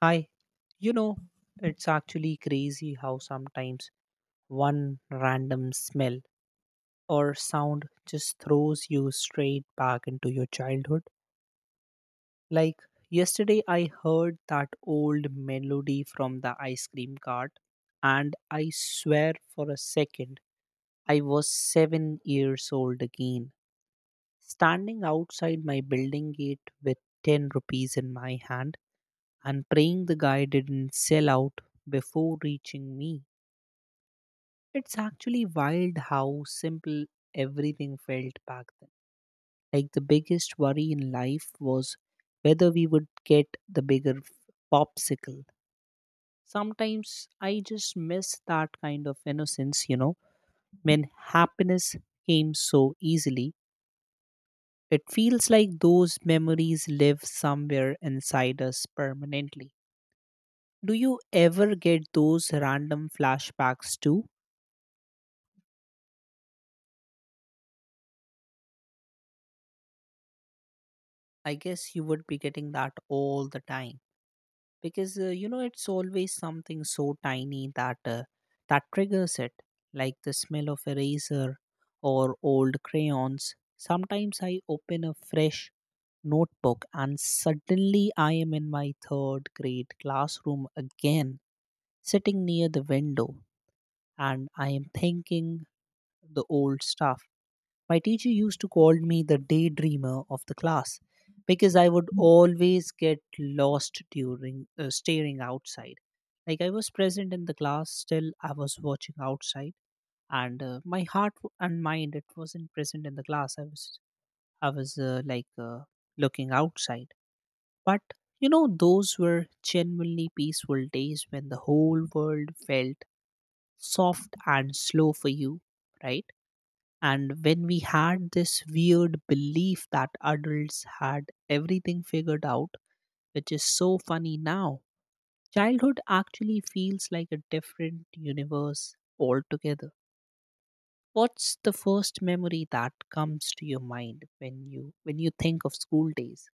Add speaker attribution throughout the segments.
Speaker 1: Hi, you know, it's actually crazy how sometimes one random smell or sound just throws you straight back into your childhood. Like yesterday, I heard that old melody from the ice cream cart, and I swear for a second, I was 7 years old again, standing outside my building gate with 10 rupees in my hand and praying the guy didn't sell out before reaching me. It's actually wild how simple everything felt back then. Like the biggest worry in life was whether we would get the popsicle. Sometimes I just miss that kind of innocence, you know, when happiness came so easily. It feels like those memories live somewhere inside us permanently. Do you ever get those random flashbacks too? I guess you would be getting that all the time because you know it's always something so tiny that triggers it, like the smell of eraser or old crayons. Sometimes I open a fresh notebook and suddenly I am in my third grade classroom again, sitting near the window, and I am thinking the old stuff. My teacher used to call me the daydreamer of the class because I would always get lost during staring outside. Like I was present in the class, still I was watching outside, and my and mind, it wasn't present in the class. I was looking outside, but you know those were genuinely peaceful days when the whole world felt soft and slow for you, right? And when we had this weird belief that adults had everything figured out, which is so funny now, childhood actually feels like a different universe altogether. What's the first memory that comes to your mind when you think of school days?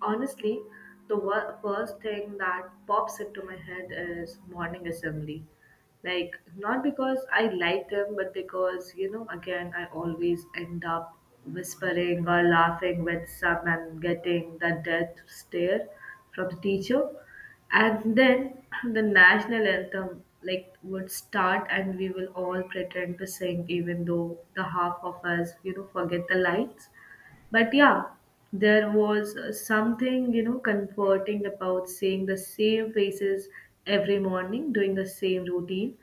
Speaker 2: Honestly, the first thing that pops into my head is morning assembly. Like, not because I like them, but because, you know, again, I always end up whispering or laughing with some and getting the death stare from the teacher. And then the national anthem like would start and we will all pretend to sing even though the half of us, you know, forget the lines but yeah there was something you know comforting about seeing the same faces every morning doing the same routine,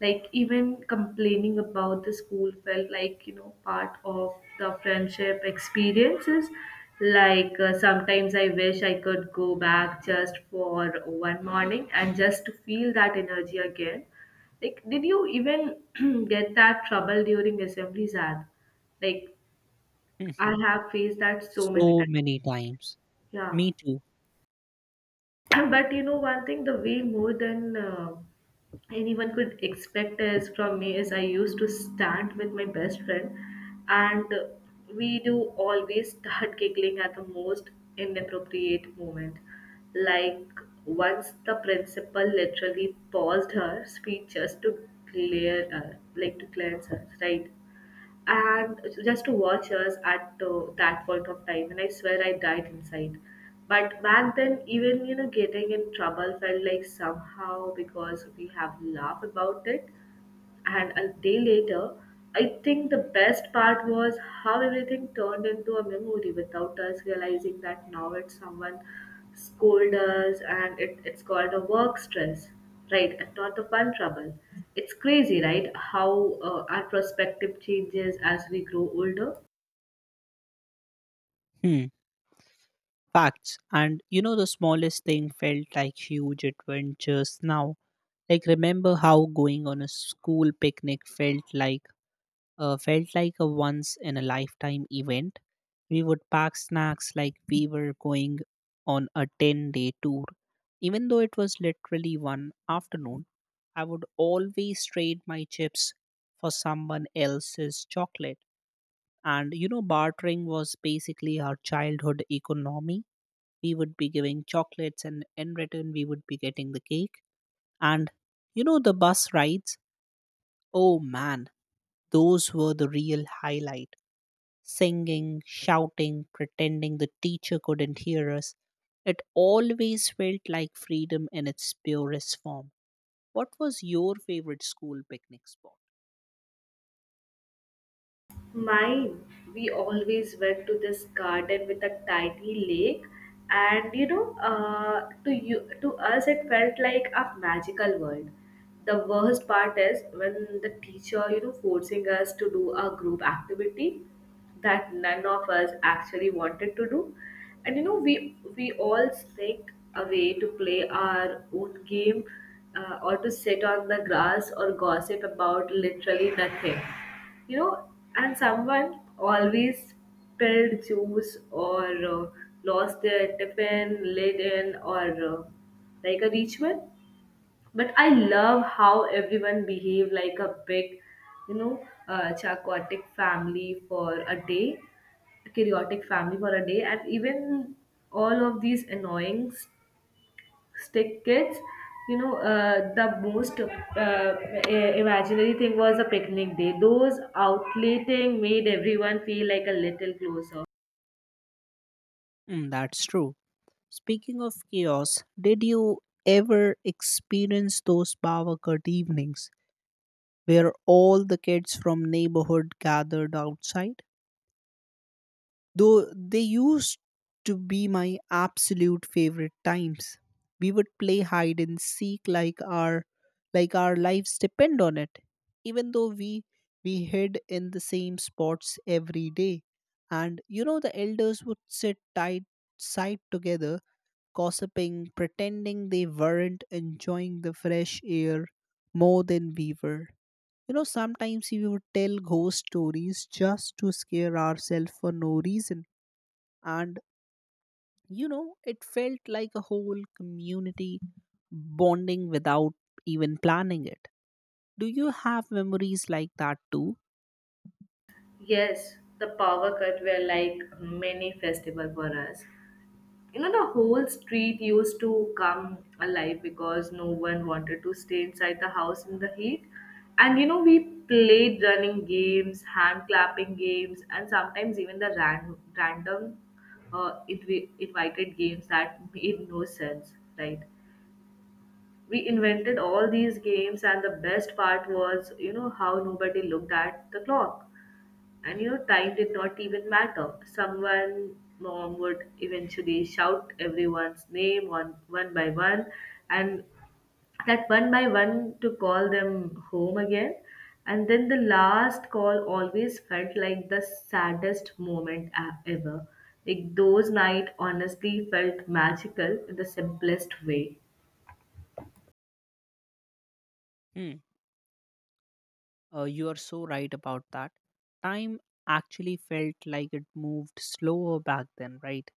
Speaker 2: like even complaining about the school felt like you know part of the friendship experiences. Like sometimes I wish I could go back just for one morning and just to feel that energy again. Like did you even get that trouble during assemblies ad, like
Speaker 1: Mhm.
Speaker 2: I have faced that so many
Speaker 1: So
Speaker 2: times.
Speaker 1: many times.
Speaker 2: Yeah.
Speaker 1: Me too.
Speaker 2: But you know, one thing, the way more than anyone could expect is from me, is I used to stand with my best friend, and we do always start giggling at the most inappropriate moment. Like once the principal literally paused her speech just to glare, like to glance us, right? And just to watch us at that point of time, and I swear I died inside. But back then even you know getting in trouble felt like somehow because we have laughed about it. And a day later, I think the best part was how everything turned into a memory without us realizing that now it's someone scold us and it's called a work stress, right? And not the fun trouble. It's crazy, right? How our perspective changes as we grow older.
Speaker 1: Hmm. Facts. And you know, the smallest thing felt like huge adventures now. Like, remember how going on a school picnic felt like a once in a lifetime event. We would pack snacks like we were going on a 10-day tour. Even though it was literally one afternoon, I would always trade my chips for someone else's chocolate. And you know, bartering was basically our childhood economy. We would be giving chocolates, and in return, we would be getting the cake. And you know, the bus rides, oh man, those were the real highlight: singing, shouting, pretending the teacher couldn't hear us. It always felt like freedom in its purest form. What was your favorite school picnic spot?
Speaker 2: Mine, we always went to this garden with a tiny lake, and you know, to us, it felt like a magical world. The worst part is when the teacher, you know, forcing us to do a group activity that none of us actually wanted to do, and you know, we all sneaked away to play our own game, or to sit on the grass or gossip about literally nothing you know. And someone always spilled juice or lost their tiffin lid in or uh, like a ritual. But I love how everyone behave like a big you know chaotic family for a day, and even all of these annoying stick kids you know the most imaginary thing was a picnic day. Those outletting made everyone feel like a little closer.
Speaker 1: Mm, that's true. Speaking of chaos, did you ever experience those power cut evenings where all the kids from neighborhood gathered outside? Though they used to be my absolute favorite times. We would play hide and seek like our lives depend on it. Even though we hid in the same spots every day. And you know the elders would sit tight side together, gossiping, pretending they weren't enjoying the fresh air more than we were. You know, sometimes we would tell ghost stories just to scare ourselves for no reason. And you know, it felt like a whole community bonding without even planning it. Do you have memories like that too?
Speaker 2: Yes, the power cut were like mini festival for us. You know, the whole street used to come alive because no one wanted to stay inside the house in the heat. And you know we played running games, hand clapping games, and sometimes even the random invited games that made no sense, right? We invented all these games, and the best part was you know how nobody looked at the clock. And you know, time did not even matter. Someone, mom would eventually shout everyone's name one by one, and that one by one to call them home again. And then the last call always felt like the saddest moment ever. Like those night honestly felt magical in the simplest way.
Speaker 1: Hmm. You are so right about that. Time actually felt like it moved slower back then, right?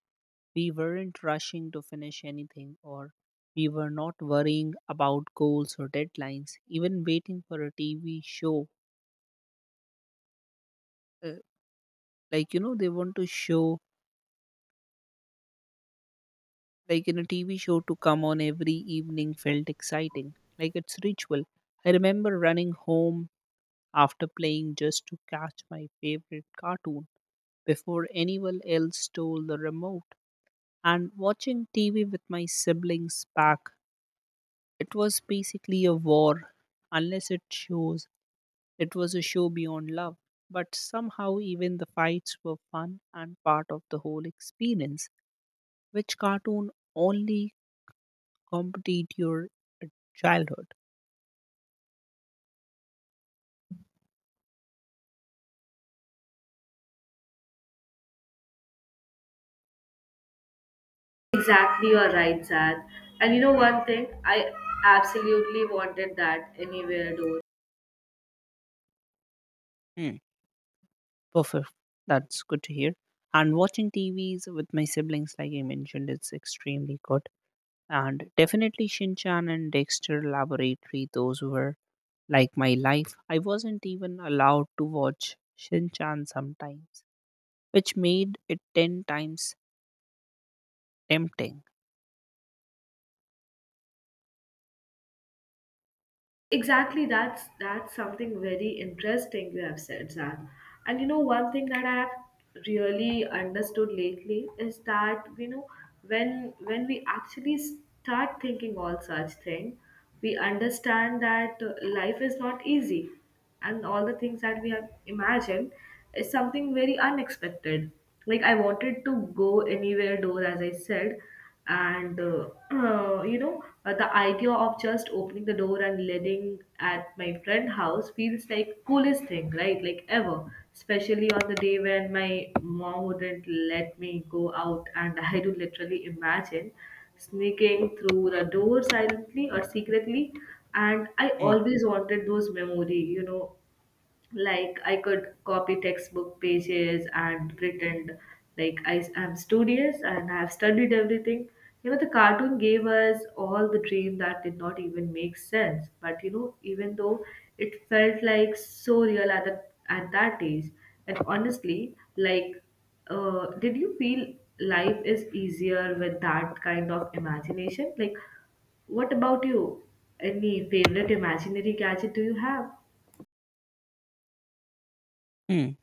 Speaker 1: We weren't rushing to finish anything, or we were not worrying about goals or deadlines. Even waiting for a TV show uh, Like, you know, they want to show, like in a TV show, to come on every evening felt exciting. Like, it's ritual. I remember running home after playing just to catch my favorite cartoon before anyone else stole the remote. And watching TV with my siblings back, it was basically a war, unless it shows it was a show beyond love, but somehow even the fights were fun and part of the whole experience, which cartoon only complete your childhood.
Speaker 2: Exactly, you're right, Zad. And you know one thing, I absolutely wanted that anywhere door.
Speaker 1: Hmm. Perfect. That's good to hear. And watching TVs with my siblings, like I mentioned, it's extremely good. And definitely Shin Chan and Dexter Laboratory, those were like my life. I wasn't even allowed to watch Shin Chan sometimes, which made it 10 times tempting.
Speaker 2: Exactly, that's something very interesting you have said, Zan. And you know, one thing that I have really understood lately is that you know when we actually start thinking all such thing, we understand that life is not easy and all the things that we have imagined is something very unexpected. Like I wanted to go anywhere door, as I said, and you know the idea of just opening the door and letting at my friend house feels like coolest thing, right? Like ever, especially on the day when my mom wouldn't let me go out, and I do literally imagine sneaking through the door silently or secretly. And I
Speaker 1: Hmm.
Speaker 2: always wanted those memory you know like I could copy textbook pages and pretend like I am studious and I have studied everything. You know the cartoon gave us all the dream that did not even make sense, but you know even though it felt like so real at that age. And honestly like did you feel life is easier with that kind of imagination, like what about you? Any favorite imaginary gadget do you have?
Speaker 1: Hmm.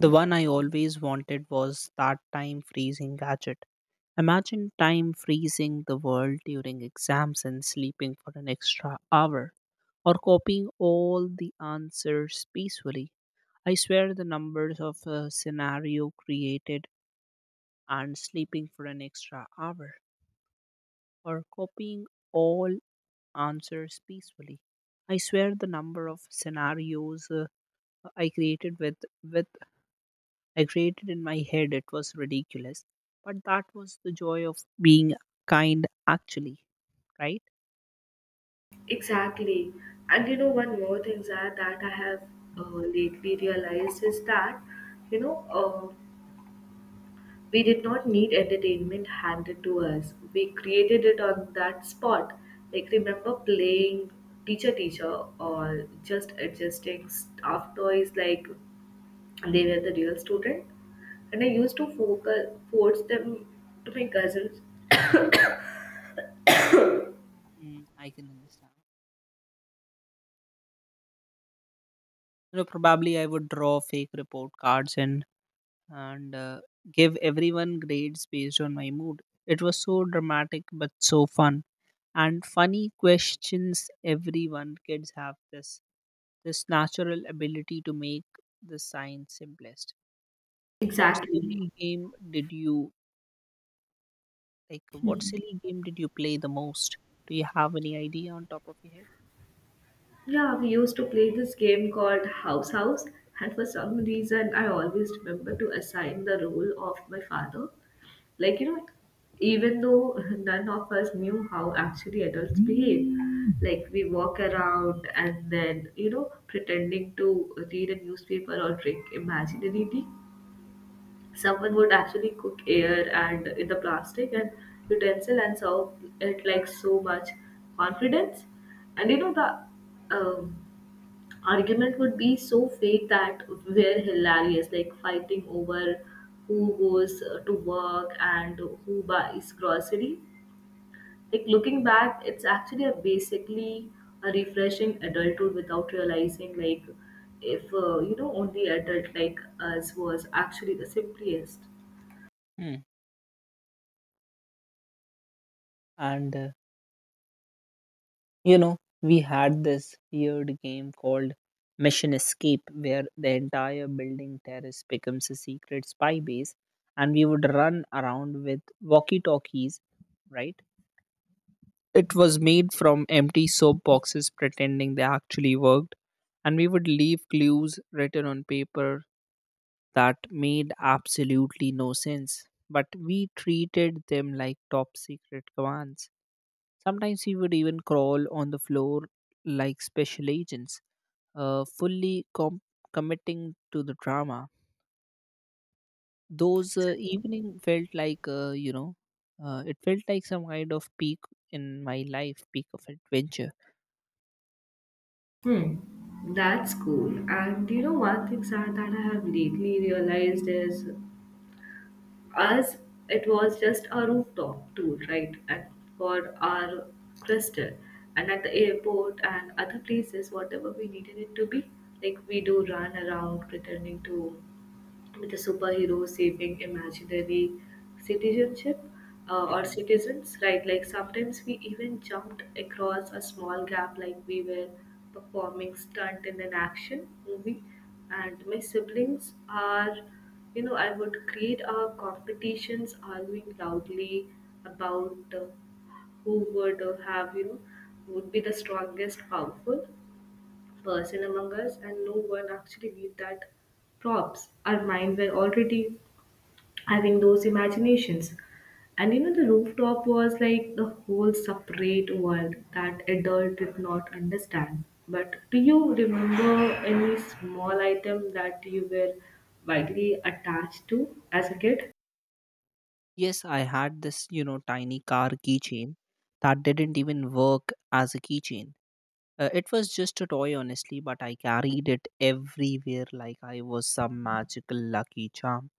Speaker 1: The one I always wanted was that time freezing gadget. Imagine time freezing the world during exams and sleeping for an extra hour, or copying all the answers peacefully. I swear the numbers of a scenario created and sleeping for an extra hour, or copying all answers peacefully. I swear the number of scenarios I created with with I created in my head, it was ridiculous, but that was the joy of being kind actually, right?
Speaker 2: Exactly. And you know, one more thing Zara, that I have lately realized is that, you know, we did not need entertainment handed to us. We created it on that spot. Like, remember playing teacher teacher or just adjusting stuffed toys like they were the real student? And I used to focus, force them to my cousins.
Speaker 1: Mm, I can understand. You know, probably I would draw fake report cards and give everyone grades based on my mood. It was so dramatic but so fun and funny questions. Everyone kids have this natural ability to make the science simplest. What
Speaker 2: Exactly.
Speaker 1: silly game did you like? What silly game did you play the most? Do you have any idea on top of your head?
Speaker 2: Yeah, we used to play this game called House House, and for some reason, I always remember to assign the role of my father. Like, you know, even though none of us knew how actually adults behave, like we walk around and then, you know, pretending to read a newspaper or drink imaginary tea. Someone would actually cook air and in the plastic and utensil and serve it like so much confidence. And you know, the um, argument would be so fake that were hilarious, like fighting over who goes to work and who buys grocery. Like looking back, it's actually a basically a refreshing adulthood without realizing like if you know only adult like us was actually the simplest.
Speaker 1: Hmm. And uh, You know, we had this weird game called Mission Escape where the entire building terrace becomes a secret spy base, and we would run around with walkie talkies, right? It was made from empty soap boxes pretending they actually worked, and we would leave clues written on paper that made absolutely no sense, but we treated them like top secret commands. Sometimes he would even crawl on the floor like special agents, fully committing to the drama. Those evening felt like you know, it felt like some kind of peak in my life, peak of adventure.
Speaker 2: Hmm, that's cool. And you know, one thing sad that I have lately realized is us, it was just a rooftop tour, right? And for our crystal, and at the airport and other places whatever we needed it to be, like we do run around pretending to with a superhero saving imaginary citizenship, or
Speaker 1: Hmm.
Speaker 2: citizens, right? Like sometimes we even jumped across a small gap, like we were performing stunt in an action movie. And my siblings are, you know, I would create our competitions, arguing loudly about who would have, you know, would be the strongest, powerful person among us, and no one actually believed that props, our mind were already having those imaginations. And you know, the rooftop was like the whole separate world that adult did not understand. But do you remember any small item that you were widely attached to as a kid?
Speaker 1: Yes, I had this you know tiny car keychain that didn't even work as a keychain. It was just a toy, honestly, but I carried it everywhere like I was some magical lucky charm.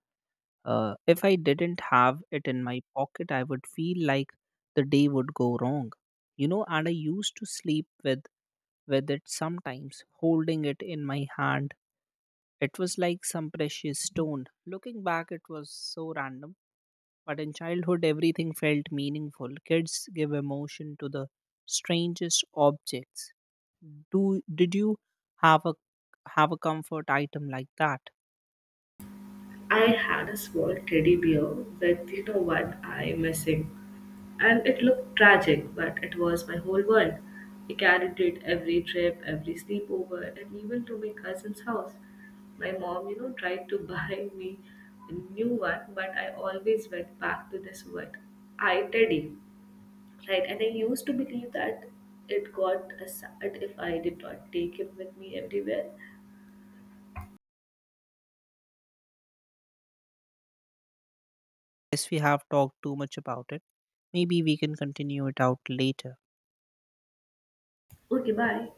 Speaker 1: If I didn't have it in my pocket, I would feel like the day would go wrong, you know. And I used to sleep with it sometimes, holding it in my hand. It was like some precious stone. Looking back, it was so random. But in childhood, everything felt meaningful. Kids give emotion to the strangest objects. Do did you have a comfort item like that?
Speaker 2: I had a small teddy bear with, you know, one eye missing. And it looked tragic, but it was my whole world. I carried it every trip, every sleepover, and even to my cousin's house. My mom, you know, tried to buy me a new one, but I always went back to this one. I teddy. Right, and I used to believe that it got aside if I did not take him with me everywhere.
Speaker 1: Yes, we have talked too much about it. Maybe we can continue it out later.
Speaker 2: Okay, bye.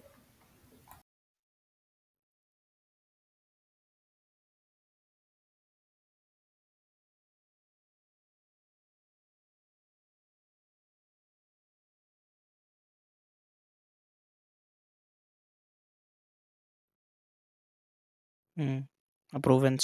Speaker 1: Mm. A proven